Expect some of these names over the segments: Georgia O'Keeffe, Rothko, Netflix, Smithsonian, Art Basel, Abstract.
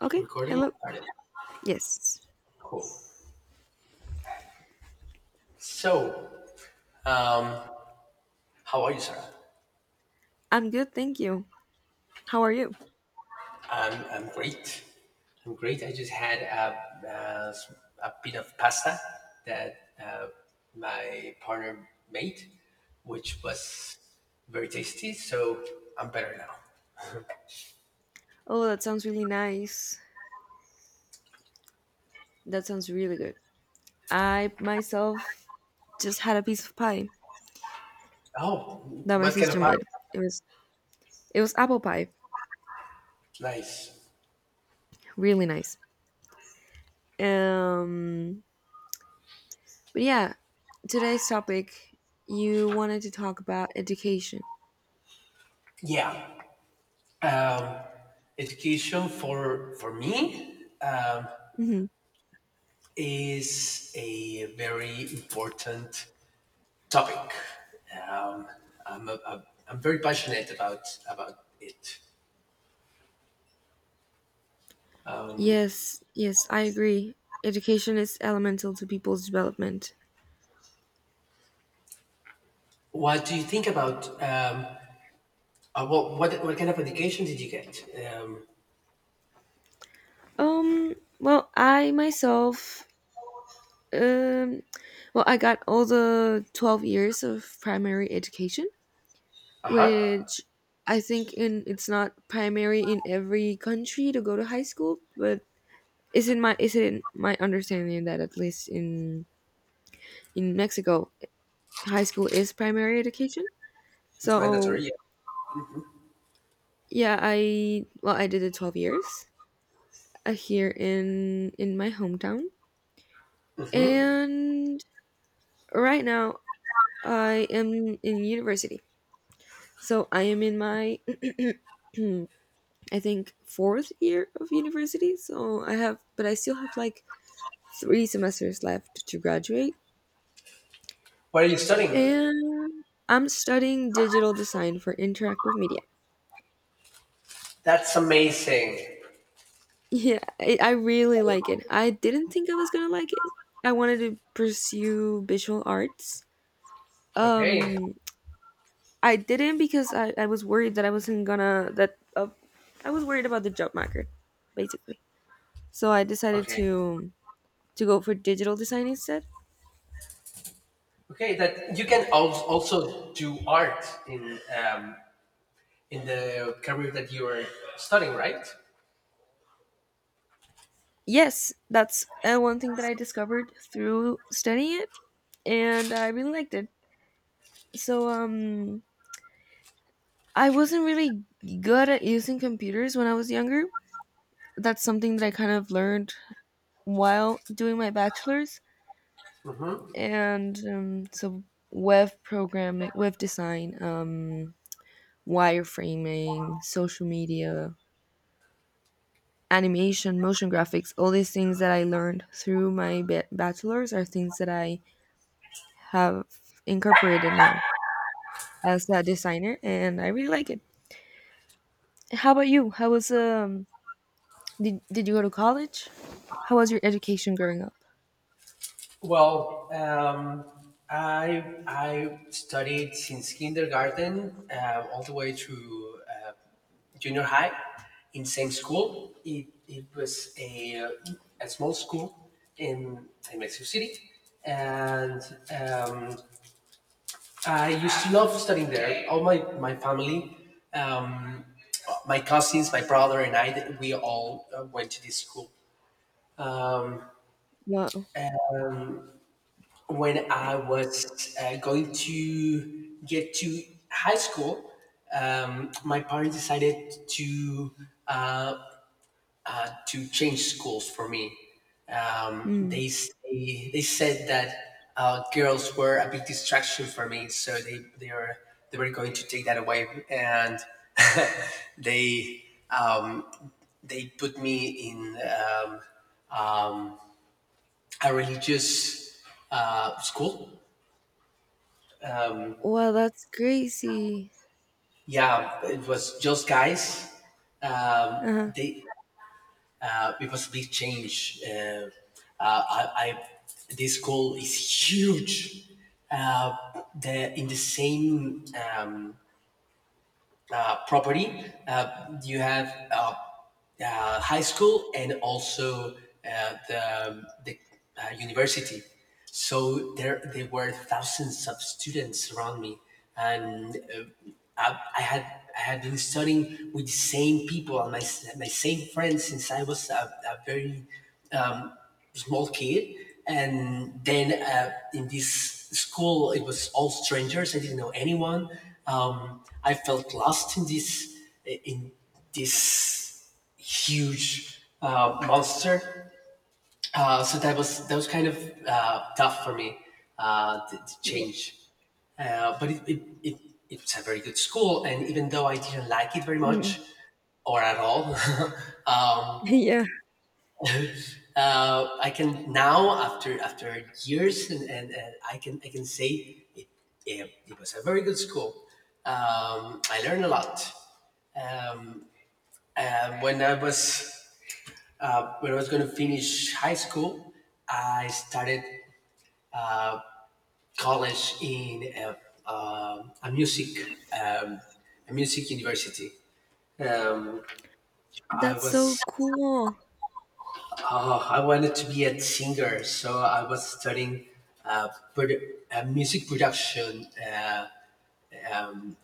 Okay, Recording hello. started. Yes, Cool. So, um, how are you, Sarah? I'm good, thank you. How are you? I'm great. I'm great. I just had a bit of pasta that my partner made, which was very tasty. So I'm better now. Oh, that sounds really nice. That sounds really good. I myself just had a piece of pie Oh, that my what kind of sister pasta? made. It was it was apple pie, Nice. really nice. Um, but yeah, today's topic you wanted to talk about education. Yeah. Um, Education for me Hmm. is a very important topic. Um, I'm very passionate about it. Yes, yes, I agree. Education is elemental to people's development. What do you think about what kind of education did you get? Um, Well, I myself Um, I got all the 12 years of primary education, uh huh. which I think in it's not primary in every country to go to high school, but is in my understanding that at least in Mexico, high school is primary education. It's mandatory. So Yeah. yeah, I did it 12 years here in my hometown, Mm-hmm. and right now I am in university. So I am in my I think fourth year of university. I still have like three semesters left to graduate. What are you studying? And I'm studying digital design for interactive media. That's amazing. Yeah, I really like it. I didn't think I was gonna like it. I wanted to pursue visual arts. Okay. Um, I didn't because I was worried that I wasn't gonna that I was worried about the job market, basically. So I decided Okay. to go for digital design instead. Okay. That you can also do art in the career that you are studying, right? Yes, that's one thing that I discovered through studying it, and I really liked it. So, um, I wasn't really good at using computers when I was younger. That's something that I kind of learned while doing my bachelor's, and so web programming, web design, wireframing, social media, animation, motion graphics, all these things that I learned through my bachelor's are things that I have incorporated now as a designer, and I really like it. How about you? How was um? Did you go to college? How was your education growing up? Well, I studied since kindergarten all the way through junior high in same school. It was a small school in Mexico City, and um, I used to love studying there. All my family, um, my cousins, my brother, and I we all went to this school Wow. when I was going to get to high school. My parents decided uh, to change schools for me. Mm. They said that girls were a big distraction for me, so they were they were going to take that away, and they um, they put me in um, a religious school. Wow, that's crazy. Yeah, it was just guys. Um, Uh-huh. they it was a big change. Uh, I, I this school is huge. Uh, the In the same property, you have uh, high school and also uh, the, the university. So there were thousands of students around me, and I, I had I had been studying with the same people and my same friends since I was a very um, small kid, and then in this school it was all strangers. I didn't know anyone. I felt lost in in this huge monster. So that was kind of tough for me to Yeah. change. But it's a very good school, and even though I didn't like it very Mm. much or at all, Yeah. I can now after years and, I can say it, it was a very good school. I learned a lot. Um, when I was going to finish high school, I started college in a music university. Um, I That's so was— cool. oh, I wanted to be a singer, so I was studying uh, music production,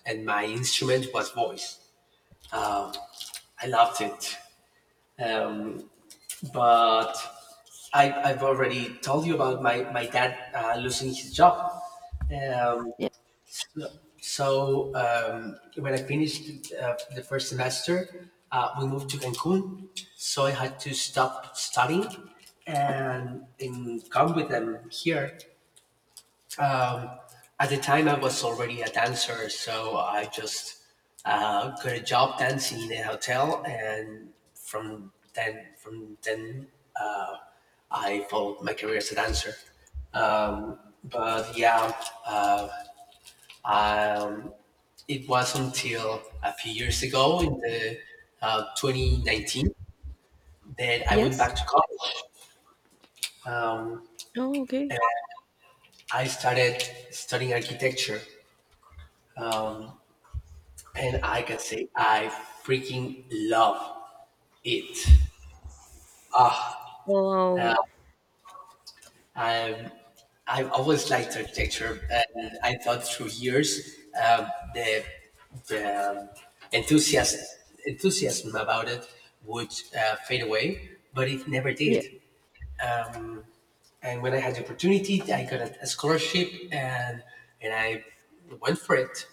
and my instrument was voice. I loved it. Um, but I've already told you about my dad losing his job. Um, Yeah. so when I finished the first semester, we moved to Cancun. So I had to stop studying and come with them here. Um, at the time, I was already a dancer, so I just got a job dancing in a hotel, and from then, uh, I followed my career as a dancer. Um, but yeah, uh, um, it was until a few years ago, in the 2019, that I went Yes. back to college. Um, Oh, okay. and I started studying architecture, and I can say I freaking love it. Uh, Wow. I've, I've always liked architecture, and I thought through years the, the enthusiasm, enthusiasm about it would fade away, but it never Yeah. did. And when I had the opportunity, I got a scholarship, and I went for it.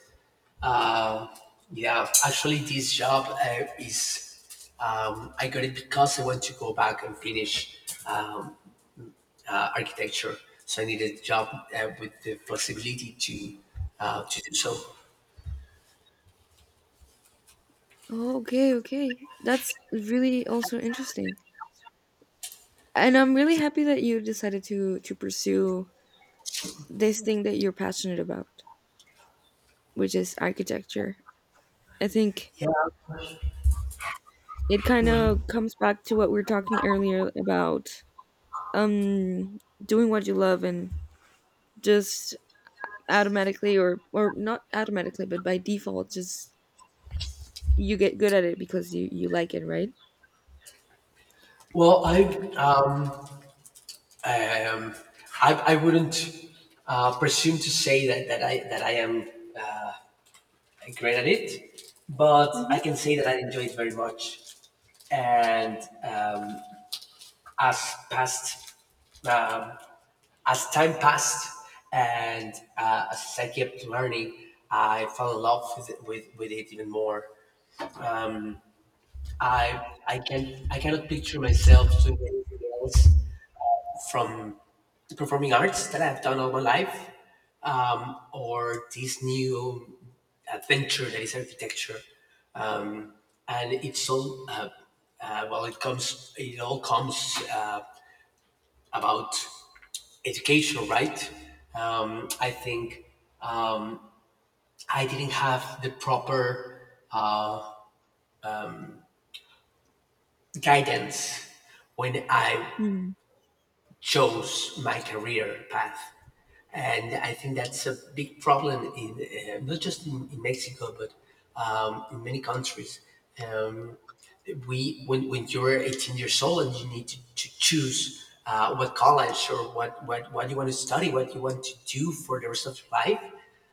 Uh, yeah, actually, this job is I got it because I want to go back and finish um, architecture. So I needed a job with the flexibility to do so. Oh. Okay, okay. That's really also interesting. And I'm really happy that you decided to pursue this thing that you're passionate about, which is architecture. I think Yeah. it kind of comes back to what we were talking earlier about um doing what you love and just automatically or not automatically but by default, just you get good at it because you like it, right? Well, I wouldn't presume to say that I am uh, great at it, but I Mhm. can say that I enjoy it very much. And um, as past um, as time passed and as I kept learning, I fell in love with it, with it even more. Um, I cannot picture myself doing anything else from the performing arts that I've done all my life, or this new adventure that is architecture, and it's all It all comes about education, right? I think um, I didn't have the proper uh, guidance when I Mm. chose my career path. And I think that's a big problem in not just in Mexico, but in many countries. Um, we when you're 18 years old and you need to choose what college or what you want to study, what you want to do for the rest of your life,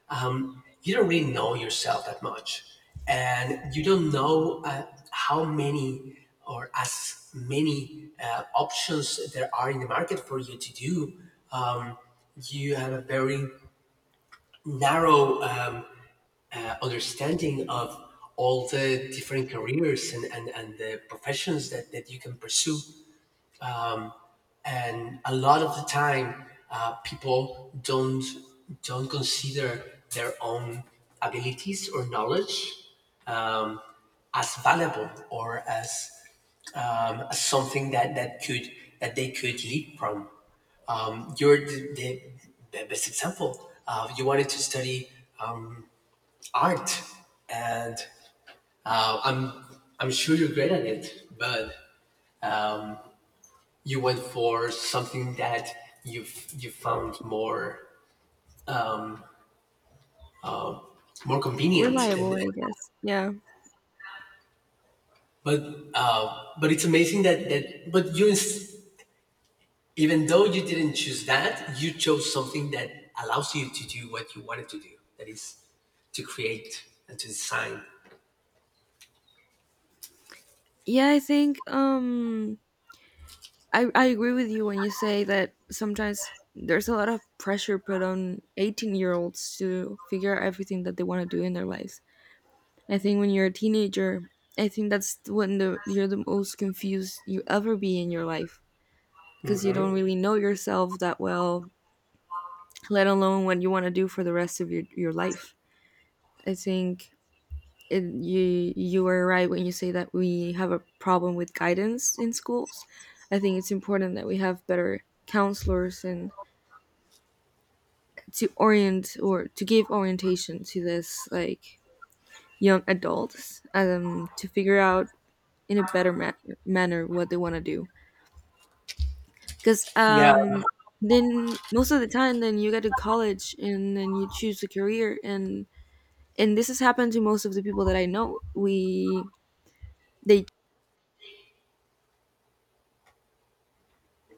you don't really know yourself that much, and you don't know how many or as many options there are in the market for you to do. Um, you have a very narrow understanding of all the different careers and the professions that, that you can pursue. And a lot of the time, people don't consider their own abilities or knowledge um, as valuable or as something that, that could that they could leap from. You're the best example. You wanted to study um, art, and uh, I'm I'm sure you're great at it, but you went for something that you found more convenient. Reliable, And I guess. Yeah. but uh, but it's amazing that but even though you didn't choose that, you chose something that allows you to do what you wanted to do. That is to create and to design. Yeah, I think I agree with you when you say that sometimes there's a lot of pressure put on 18-year-olds to figure out everything that they want to do in their lives. I think when you're a teenager, I think that's when the you're the most confused you ever be in your life, because you don't Mm-hmm. really know yourself that well, let alone what you want to do for the rest of your life. I think you are right when you say that we have a problem with guidance in schools. I think it's important that we have better counselors and to orient or to give orientation to this like young adults, to figure out in a better manner what they want to do, because Yeah, then most of the time then you get to college and then you choose a career, and this has happened to most of the people that I know. We they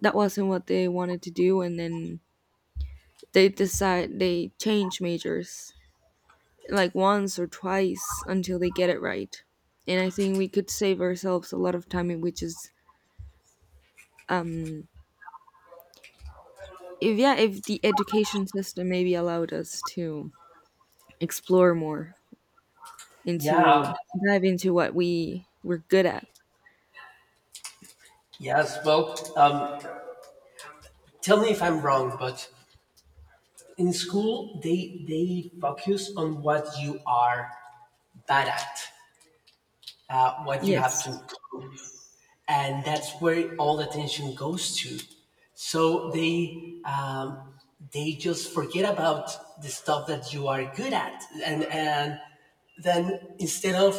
That wasn't what they wanted to do, and then they decide they change majors like once or twice until they get it right. And I think we could save ourselves a lot of time in which is, um if yeah if the education system maybe allowed us to explore more yeah, into dive into what we're good at. yes. Well, tell me if I'm wrong, but in school they focus on what you are bad at, what you have to— Yes, and that's where all the attention goes to. So they just forget about the stuff that you are good at, and then instead of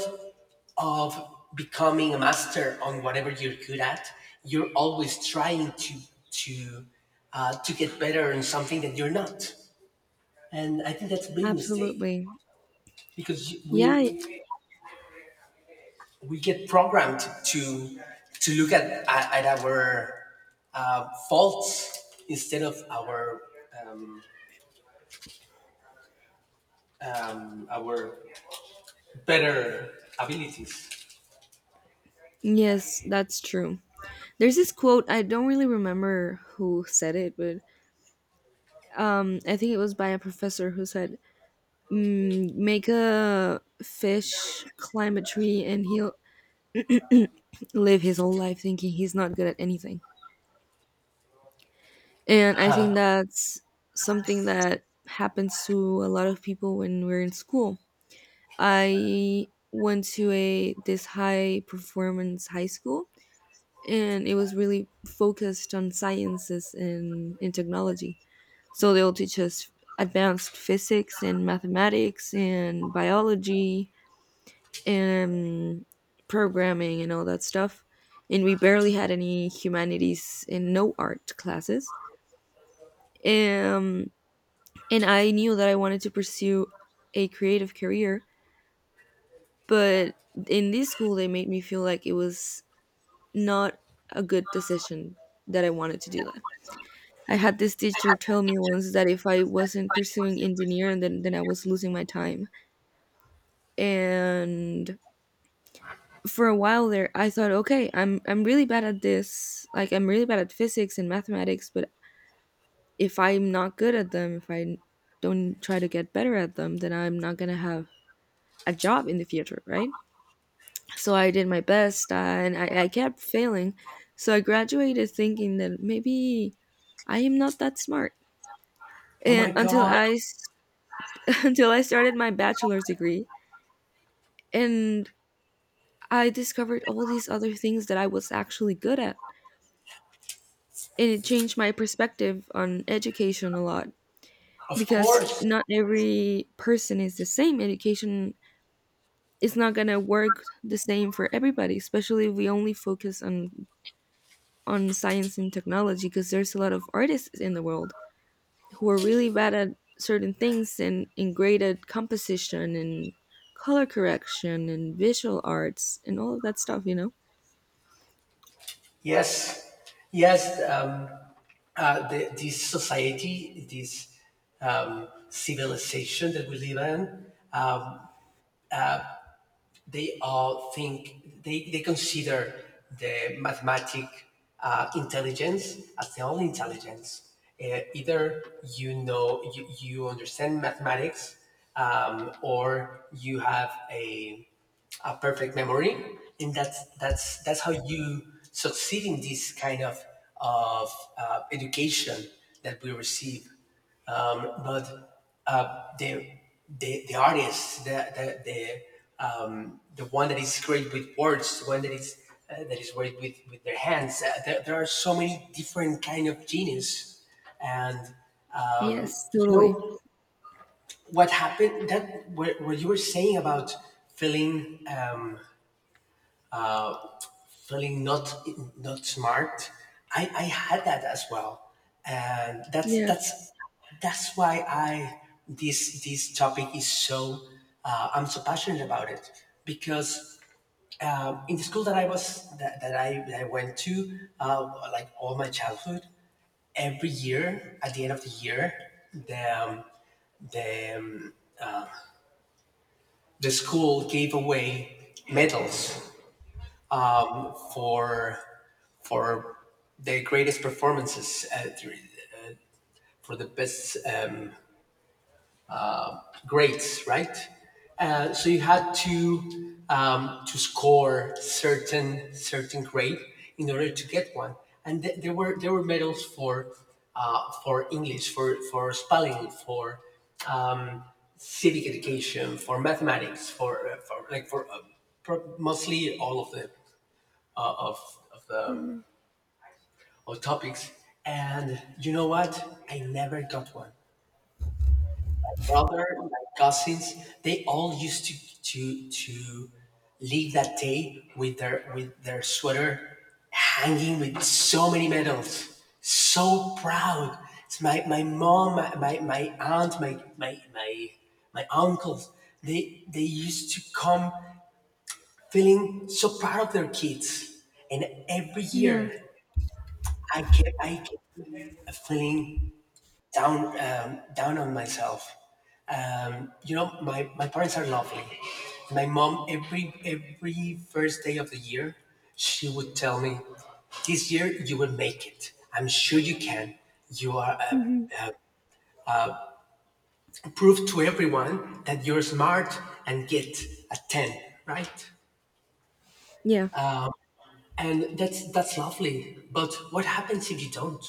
becoming a master on whatever you're good at, you're always trying to to to get better in something that you're not, and I think that's a big mistake absolutely. because Yeah, we get programmed to look at our faults instead of um, our better abilities. yes, that's true. There's this quote, I don't really remember who said it, but I think it was by a professor who said, mm, make a fish climb a tree and he'll live his whole life thinking he's not good at anything. And I think that's something that happens to a lot of people when we're in school. I went to a this high performance high school, and it was really focused on sciences and in technology. So they'll teach us advanced physics and mathematics and biology and programming and all that stuff. And we barely had any humanities and no art classes. Um, and I knew that I wanted to pursue a creative career, but in this school they made me feel like it was not a good decision, that I wanted to do that. I had this teacher tell me once that if I wasn't pursuing engineering, then I was losing my time. And for a while there I thought, okay, I'm really bad at this. Like I'm really bad at physics and mathematics, but if I'm not good at them, if I don't try to get better at them, then I'm not going to have a job in the future, right? So I did my best, and I kept failing. So I graduated thinking that maybe I am not that smart. Oh my And until God! I s- Until I started my bachelor's degree and I discovered all these other things that I was actually good at. And it changed my perspective on education a lot, Of because course, not every person is the same. Education is not going to work the same for everybody, especially if we only focus on science and technology, because there's a lot of artists in the world who are really bad at certain things, and great at composition and color correction and visual arts and all of that stuff, you know? yes, yes. This society, this civilization that we live in, um, they all think they consider the mathematic intelligence as the only intelligence. Either you understand mathematics or you have a perfect memory, and that's how you succeed in this kind of education that we receive. But the artist, the one that is great with words, the one that is great with their hands. There are so many different kind of genius, and um, Yes, you totally. know what happened— that what you were saying about feeling. Um, feeling not smart. I had that as well, and Yeah. That's why I— this topic is so I'm so passionate about it because in the school that I was that, that I went to uh, like all my childhood, every year at the end of the year the um, the, um, the school gave away medals for for their greatest performances for the best grades, right? So you had to score certain grade in order to get one, and there were medals for English, for spelling, for um, civic education, for mathematics, for like for pro- mostly all of the uh, of of the Mhm. or topics. And you know what? I never got one. Brother, my cousins, they all used to leave that day with their sweater hanging with so many medals. So proud. It's my, my mom, my aunt, my uncles, they used to come feeling so proud of their kids. And every Yeah. year I kept feeling down down on myself. You know, my parents are lovely. My mom every first day of the year, she would tell me, "This year you will make it. I'm sure you can. You are— Hmm. prove to everyone that you're smart and get a ten, right?" Yeah. And that's lovely. But what happens if you don't?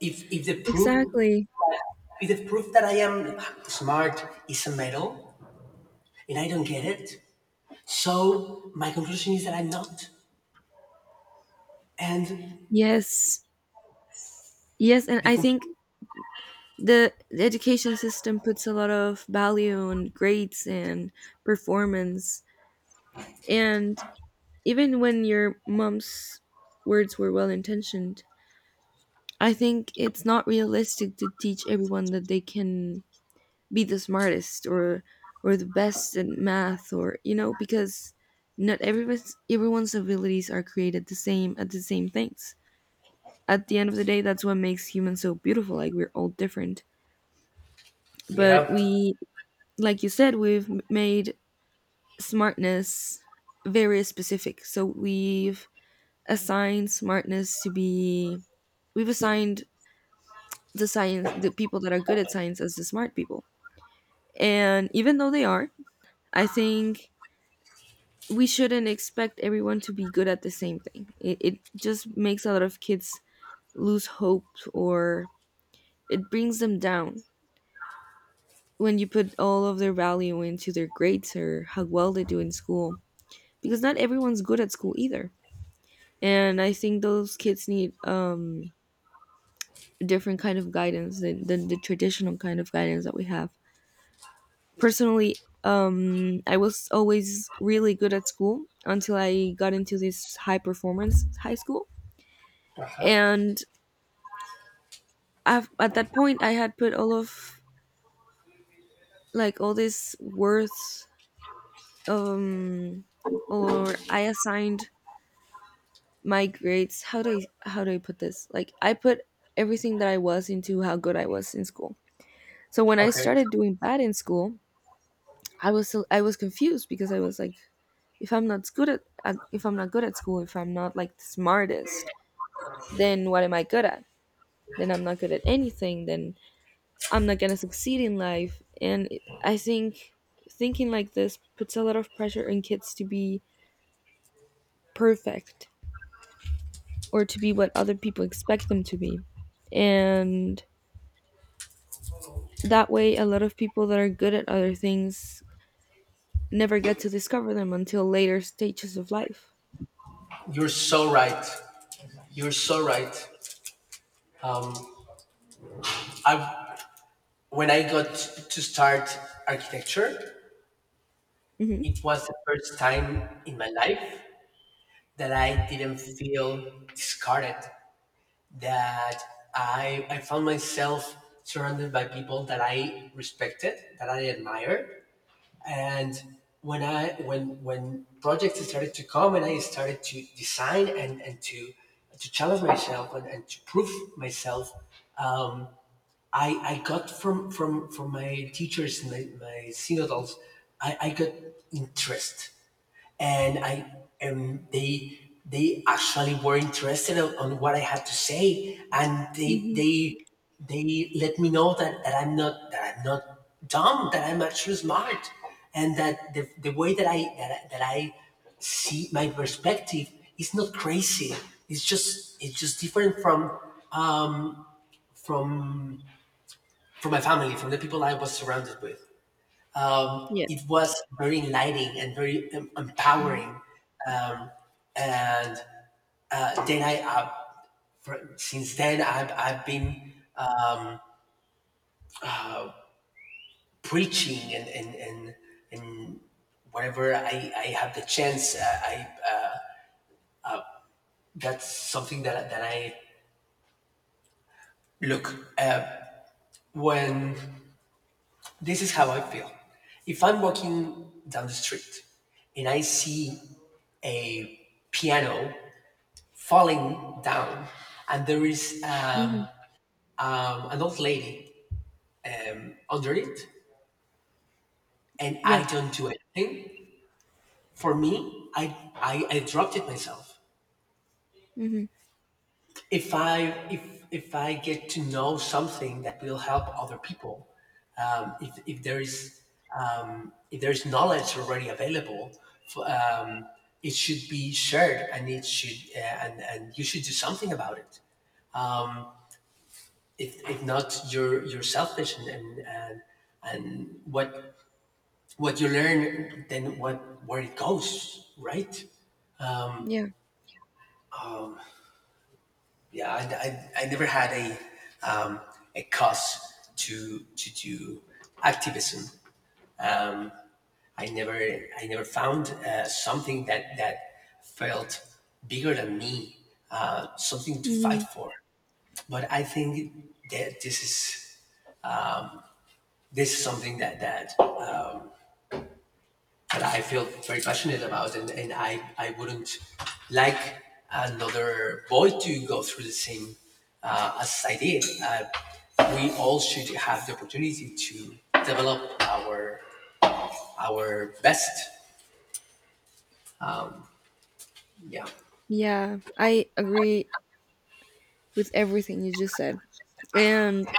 If the proof— Exactly. if the proof that I am smart is a medal and I don't get it, so my conclusion is that I'm not. And Yes. Yes. And the I think conclusion. The education system puts a lot of value on grades and performance. And even when your mom's words were well intentioned, I think it's not realistic to teach everyone that they can be the smartest or the best at math, or you know, because not everyone's everyone's abilities are created the same at the same things. At the end of the day, that's what makes humans so beautiful. Like we're all different, but Yeah. we, like you said, we've made smartness very specific. So we've assign smartness to be We've assigned the people that are good at science as the smart people, and even though they are, I think we shouldn't expect everyone to be good at the same thing. It just makes a lot of kids lose hope or it brings them down when you put all of their value into their grades or how well they do in school, because not everyone's good at school either. And I think those kids need different kind of guidance than the traditional kind of guidance that we have. Personally, I was always really good at school until I got into this high performance high school, Uh-huh. and at that point, I had put all of all this worth, um, or I assigned my grades. How do I put this? Like I put everything that I was into how good I was in school. So when I Okay. started doing bad in school, I was so I was confused because I was like, if I'm not good at, if I'm not good at school, if I'm not like the smartest, then what am I good at? Then I'm not good at anything. Then I'm not gonna succeed in life. I think thinking like this puts a lot of pressure on kids to be perfect or to be what other people expect them to be. And that way, a lot of people that are good at other things never get to discover them until later stages of life. You're so right. You're so right. Um, I when I got to start architecture, Hmm. it was the first time in my life that I didn't feel discarded. That I found myself surrounded by people that I respected, that I admired. And when I when projects started to come and I started to design and to challenge myself and to prove myself. Um, I I got from my teachers and my synodals. I got interest and I and they actually were interested on what I had to say, and they Hmm. they they let me know that, that I'm not dumb, that I'm actually smart, and that the way that I see my perspective is not crazy. It's just different from um, from from my family, from the people I was surrounded with. Yeah. It was very enlightening and very empowering. Um, and Then since then I've been preaching and whenever I have the chance. I, that's something that I look. Uh, when this is how I feel. If I'm walking down the street and I see a piano falling down and there is Mhm. An old lady under it and I Yeah. don't do anything, for me, I dropped it myself. Hmm. If i if if i get to know something that will help other people, um, if, if there is if there is knowledge already available for, um, it should be shared and it should and you should do something about it. If not, you're selfish, and what you learn, then what where it goes, right? Yeah. Yeah, I never had um, a cause to do activism. I never found something that felt bigger than me, something to fight Hmm. for. But I think that this is something that I feel very passionate about, and I wouldn't like another boy to go through the same as I did. We all should have the opportunity to develop our best. Yeah, Yeah, I agree with everything you just said. And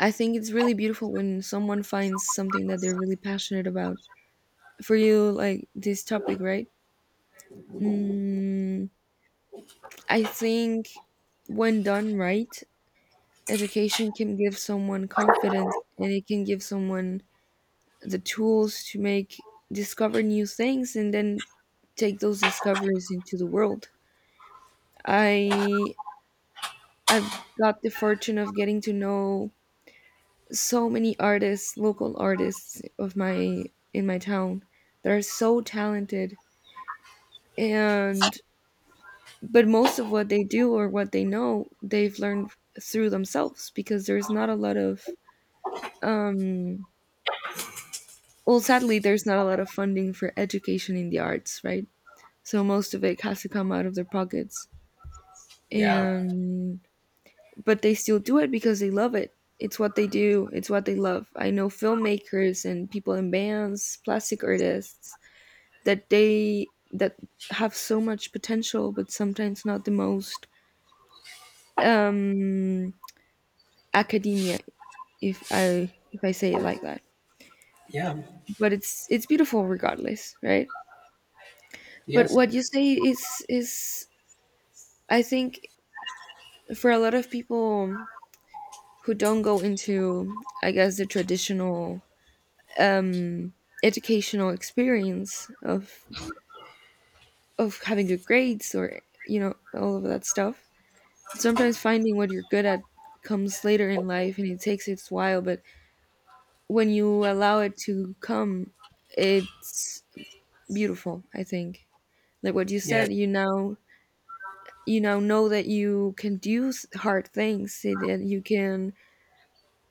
I think it's really beautiful when someone finds something that they're really passionate about. For you, like this topic, right? Mm, I think when done right, education can give someone confidence and it can give someone the tools to make discover new things and then take those discoveries into the world. I I've got the fortune of getting to know so many artists, local artists of my in my town that are so talented, and but most of what they do or what they know, they've learned through themselves, because there's not a lot of um well, sadly, there's not a lot of funding for education in the arts, right? So most of it has to come out of their pockets. yeah, And but they still do it because they love it. It's what they do, it's what they love. I know filmmakers and people in bands, plastic artists that have so much potential but sometimes not the most um academia, if I say it like that. yeah. But it's beautiful regardless, right? But Yes, what you say is, I think, for a lot of people who don't go into, I guess, the traditional um, educational experience of having good grades or, you know, all of that stuff. Sometimes finding what you're good at comes later in life and it takes its while, but when you allow it to come, it's beautiful. I think, like what you yes, said, you now know that you can do hard things, say that you can,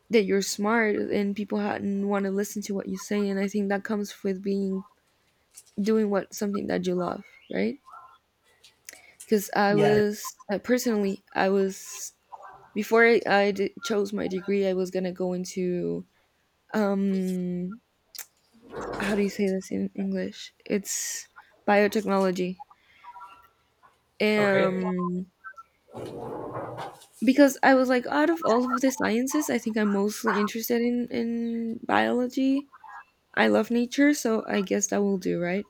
that you're smart and people want to listen to what you say. And I think that comes with being doing what something that you love, right? Because I yeah. was personally, I was before I chose my degree, I was gonna go into um how do you say this in English? It's biotechnology. Okay. Um, because I was like, out of all of the sciences, I think I'm mostly interested in biology. I love nature, so I guess that will do, right?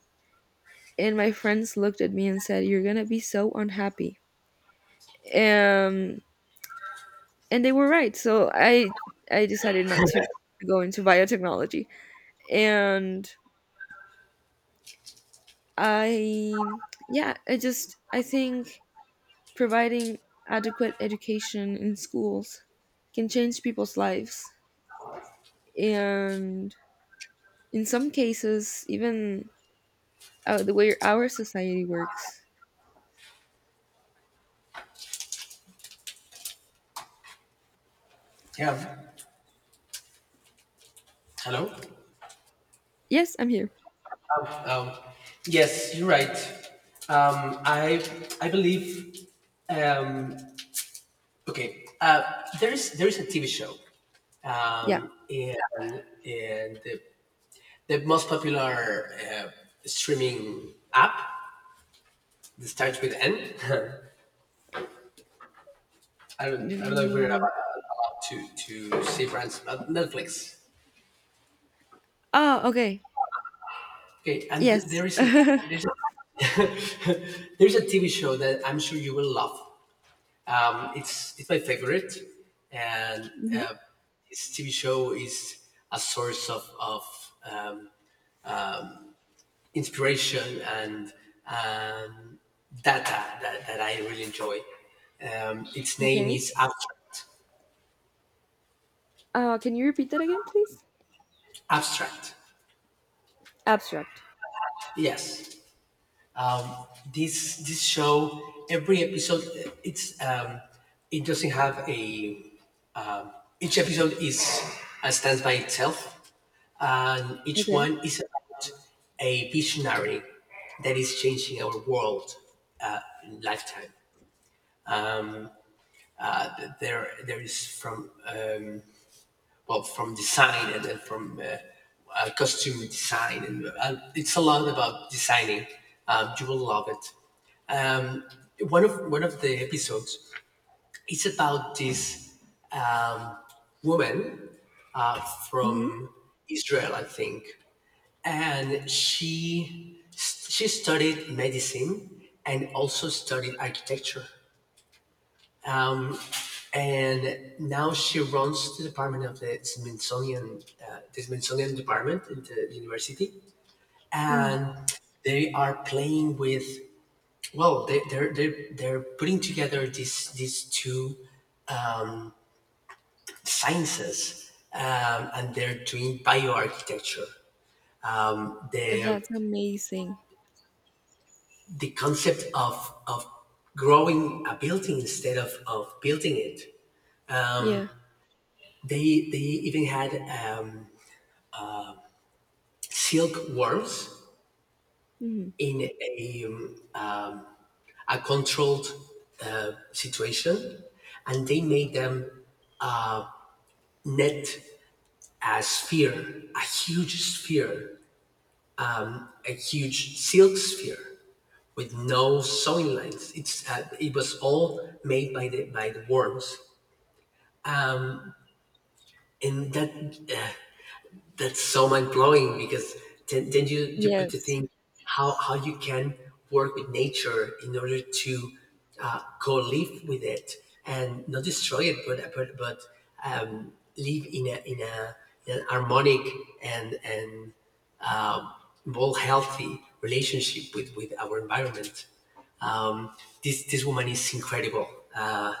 And my friends looked at me and said, "You're gonna be so unhappy." Um, and they were right. So I decided not to go into biotechnology. And I Yeah, I think providing adequate education in schools can change people's lives. And in some cases, even the way our society works. Yeah. Hello. Yes, I'm here. Um, um, yes, you're right. Um, I I believe. Um, okay. There's a TV show, Yeah. um, and and the, the most popular streaming app that starts with N. I don't know if we're about, Do- allowed to say France, but Netflix. Oh, okay. Okay, and Yes. Mhm. there's there's a TV show that I'm sure you will love. It's my favorite, and this TV show is a source of inspiration and um, data that I really enjoy. Its name Okay. is Abstract. Can you repeat that again, please? Abstract. Abstract. Yes. Um, this show, every episode it's it doesn't have a each episode is stands by itself, and each Okay. one is about a visionary that is changing our world uh, lifetime. Uh, there is, from well, from design, and then from costume design, and it's a lot about designing. You will love it. Um, one of the episodes is about this um, woman Mm-hmm. from Israel, I think, and she studied medicine and also studied architecture. Um, and now she runs the department of the Smithsonian department in the university, Mhm. and they are playing with. Well, they're putting together these two sciences, and they're doing bioarchitecture. Um, the That's amazing. the concept of of growing a building instead of building it. Yeah. They even had um, silk worms Mhm. in a controlled situation, and they made them net a sphere, a huge silk sphere with no sewing lines. It was all made by the worms, and that's so mind blowing because then you put to Yes. think how you can work with nature in order to co-live with it and not destroy it, but live in a in an harmonic and well, healthy relationship with our environment. Um, this woman is incredible. Uh,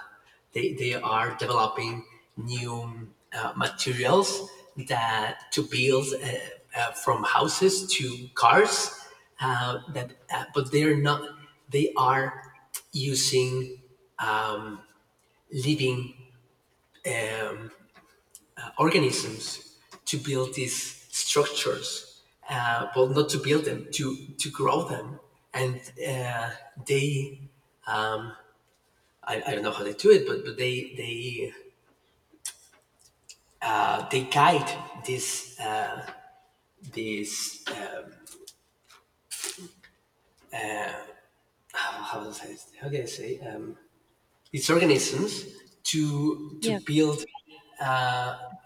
they are developing new materials that to build from houses to cars. That But they're not. They are using living. Um, Organisms to build these structures, well, not to build them, to grow them, and uh, they. I don't know how they do it, but, they they guide this this how do I say how can I say, these organisms to Yeah. build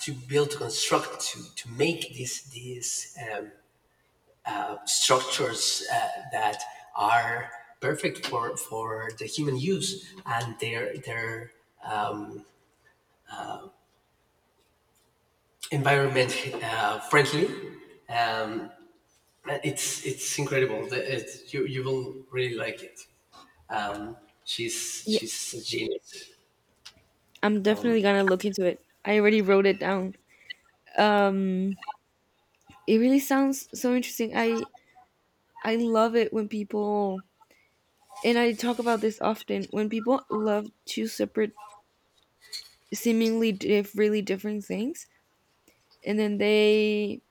to build to construct to make these structures that are perfect for the human use, and they're um, environment friendly. Um, it's incredible. You will really like it. Um, she's Yeah, a genius. I'm definitely gonna look into it. I already wrote it down. Um, it really sounds so interesting. I love it when people — and I talk about this often — when people love two separate, seemingly really different things, and then they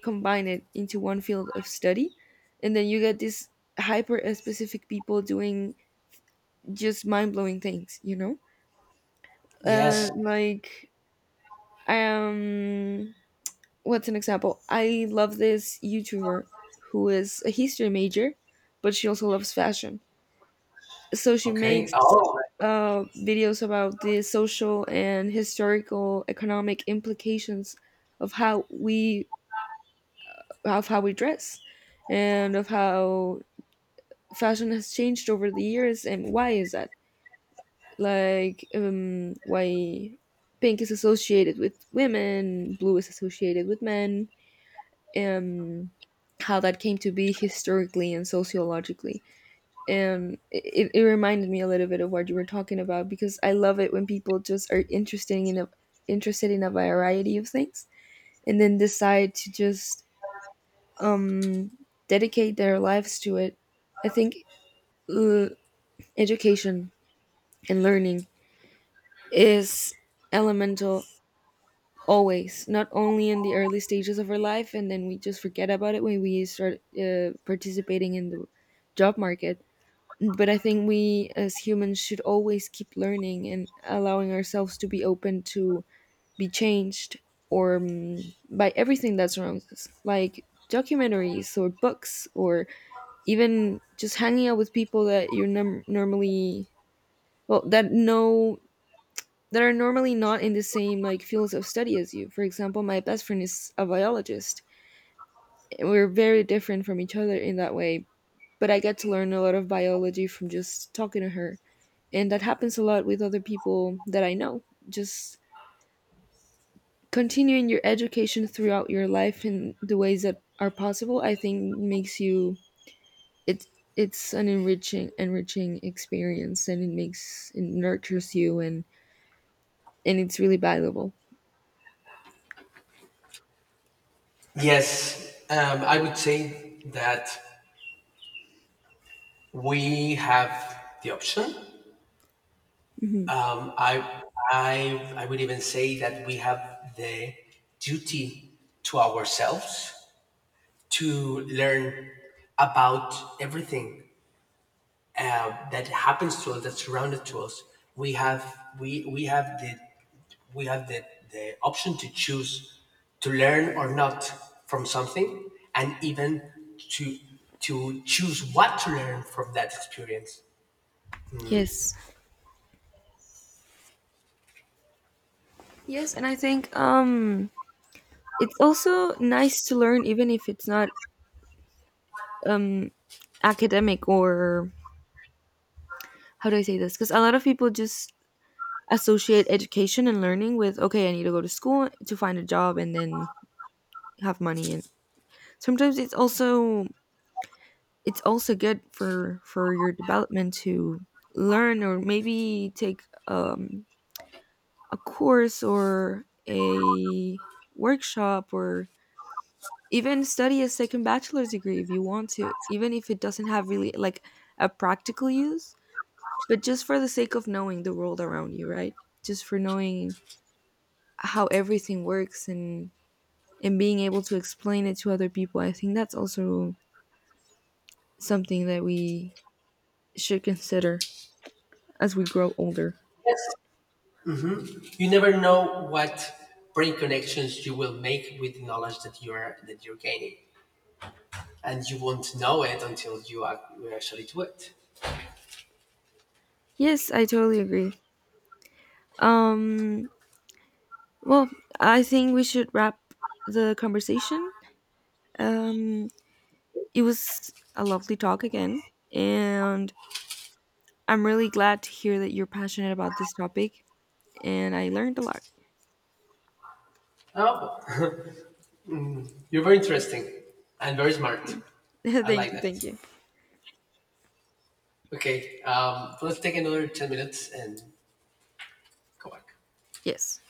combine it into one field of study, and then you get these hyper specific people doing just mind blowing things. Uh, Yes. like Um, what's an example? I love this YouTuber who is a history major, but she also loves fashion. So she Okay. makes Oh, videos about the social and historical economic implications of how we dress and of how fashion has changed over the years, and why is that, like, why pink is associated with women, blue is associated with men, um, how that came to be historically and sociologically. And it reminded me a little bit of what you were talking about because I love it when people just are interested in a variety of things and then decide to just um, dedicate their lives to it. I think uh, education and learning is elemental. Always, not only in the early stages of our life, and then we just forget about it when we start participating in the job market. But I think we as humans should always keep learning and allowing ourselves to be open to be changed or by everything that surrounds us, like documentaries or books, or even just hanging out with people that you're num normally — well that know that are normally not in the same, like, fields of study as you. For example, my best friend is a biologist, and we're very different from each other in that way, but I get to learn a lot of biology from just talking to her. And that happens a lot with other people that I know. Just continuing your education throughout your life in the ways that are possible, I think, makes you — it it's an enriching experience, and it nurtures you, and it's really valuable. yes. I would say that we have the option. Hmm. Um, I, I would even say that we have the duty to ourselves to learn about everything that happens to us, that's surrounded to us. We have we have the option to choose to learn or not from something, and even to choose what to learn from that experience. Yes. Yes, and I think, it's also nice to learn, even if it's not um, academic, or — how do I say this? Because a lot of people just associate education and learning with, okay, I need to go to school to find a job and then have money. And sometimes it's also good for your development to learn, or maybe take um, a course or a workshop, or even study a second bachelor's degree if you want to, even if it doesn't have really, like, a practical use, but just for the sake of knowing the world around you, right? Just for knowing how everything works, and being able to explain it to other people. I think that's also something that we should consider as we grow older. Yes, you never know what brain connections you will make with the knowledge that you're gaining, and you won't know it until you actually do it. Yes, I totally agree. um well, I think we should wrap the conversation. um it was a lovely talk again, and I'm really glad to hear that you're passionate about this topic, and I learned a lot. Oh, you're very interesting and very smart. Thank you, I like thank you. that. Thank you. Okay, let's take another 10 minutes and go back. Yes.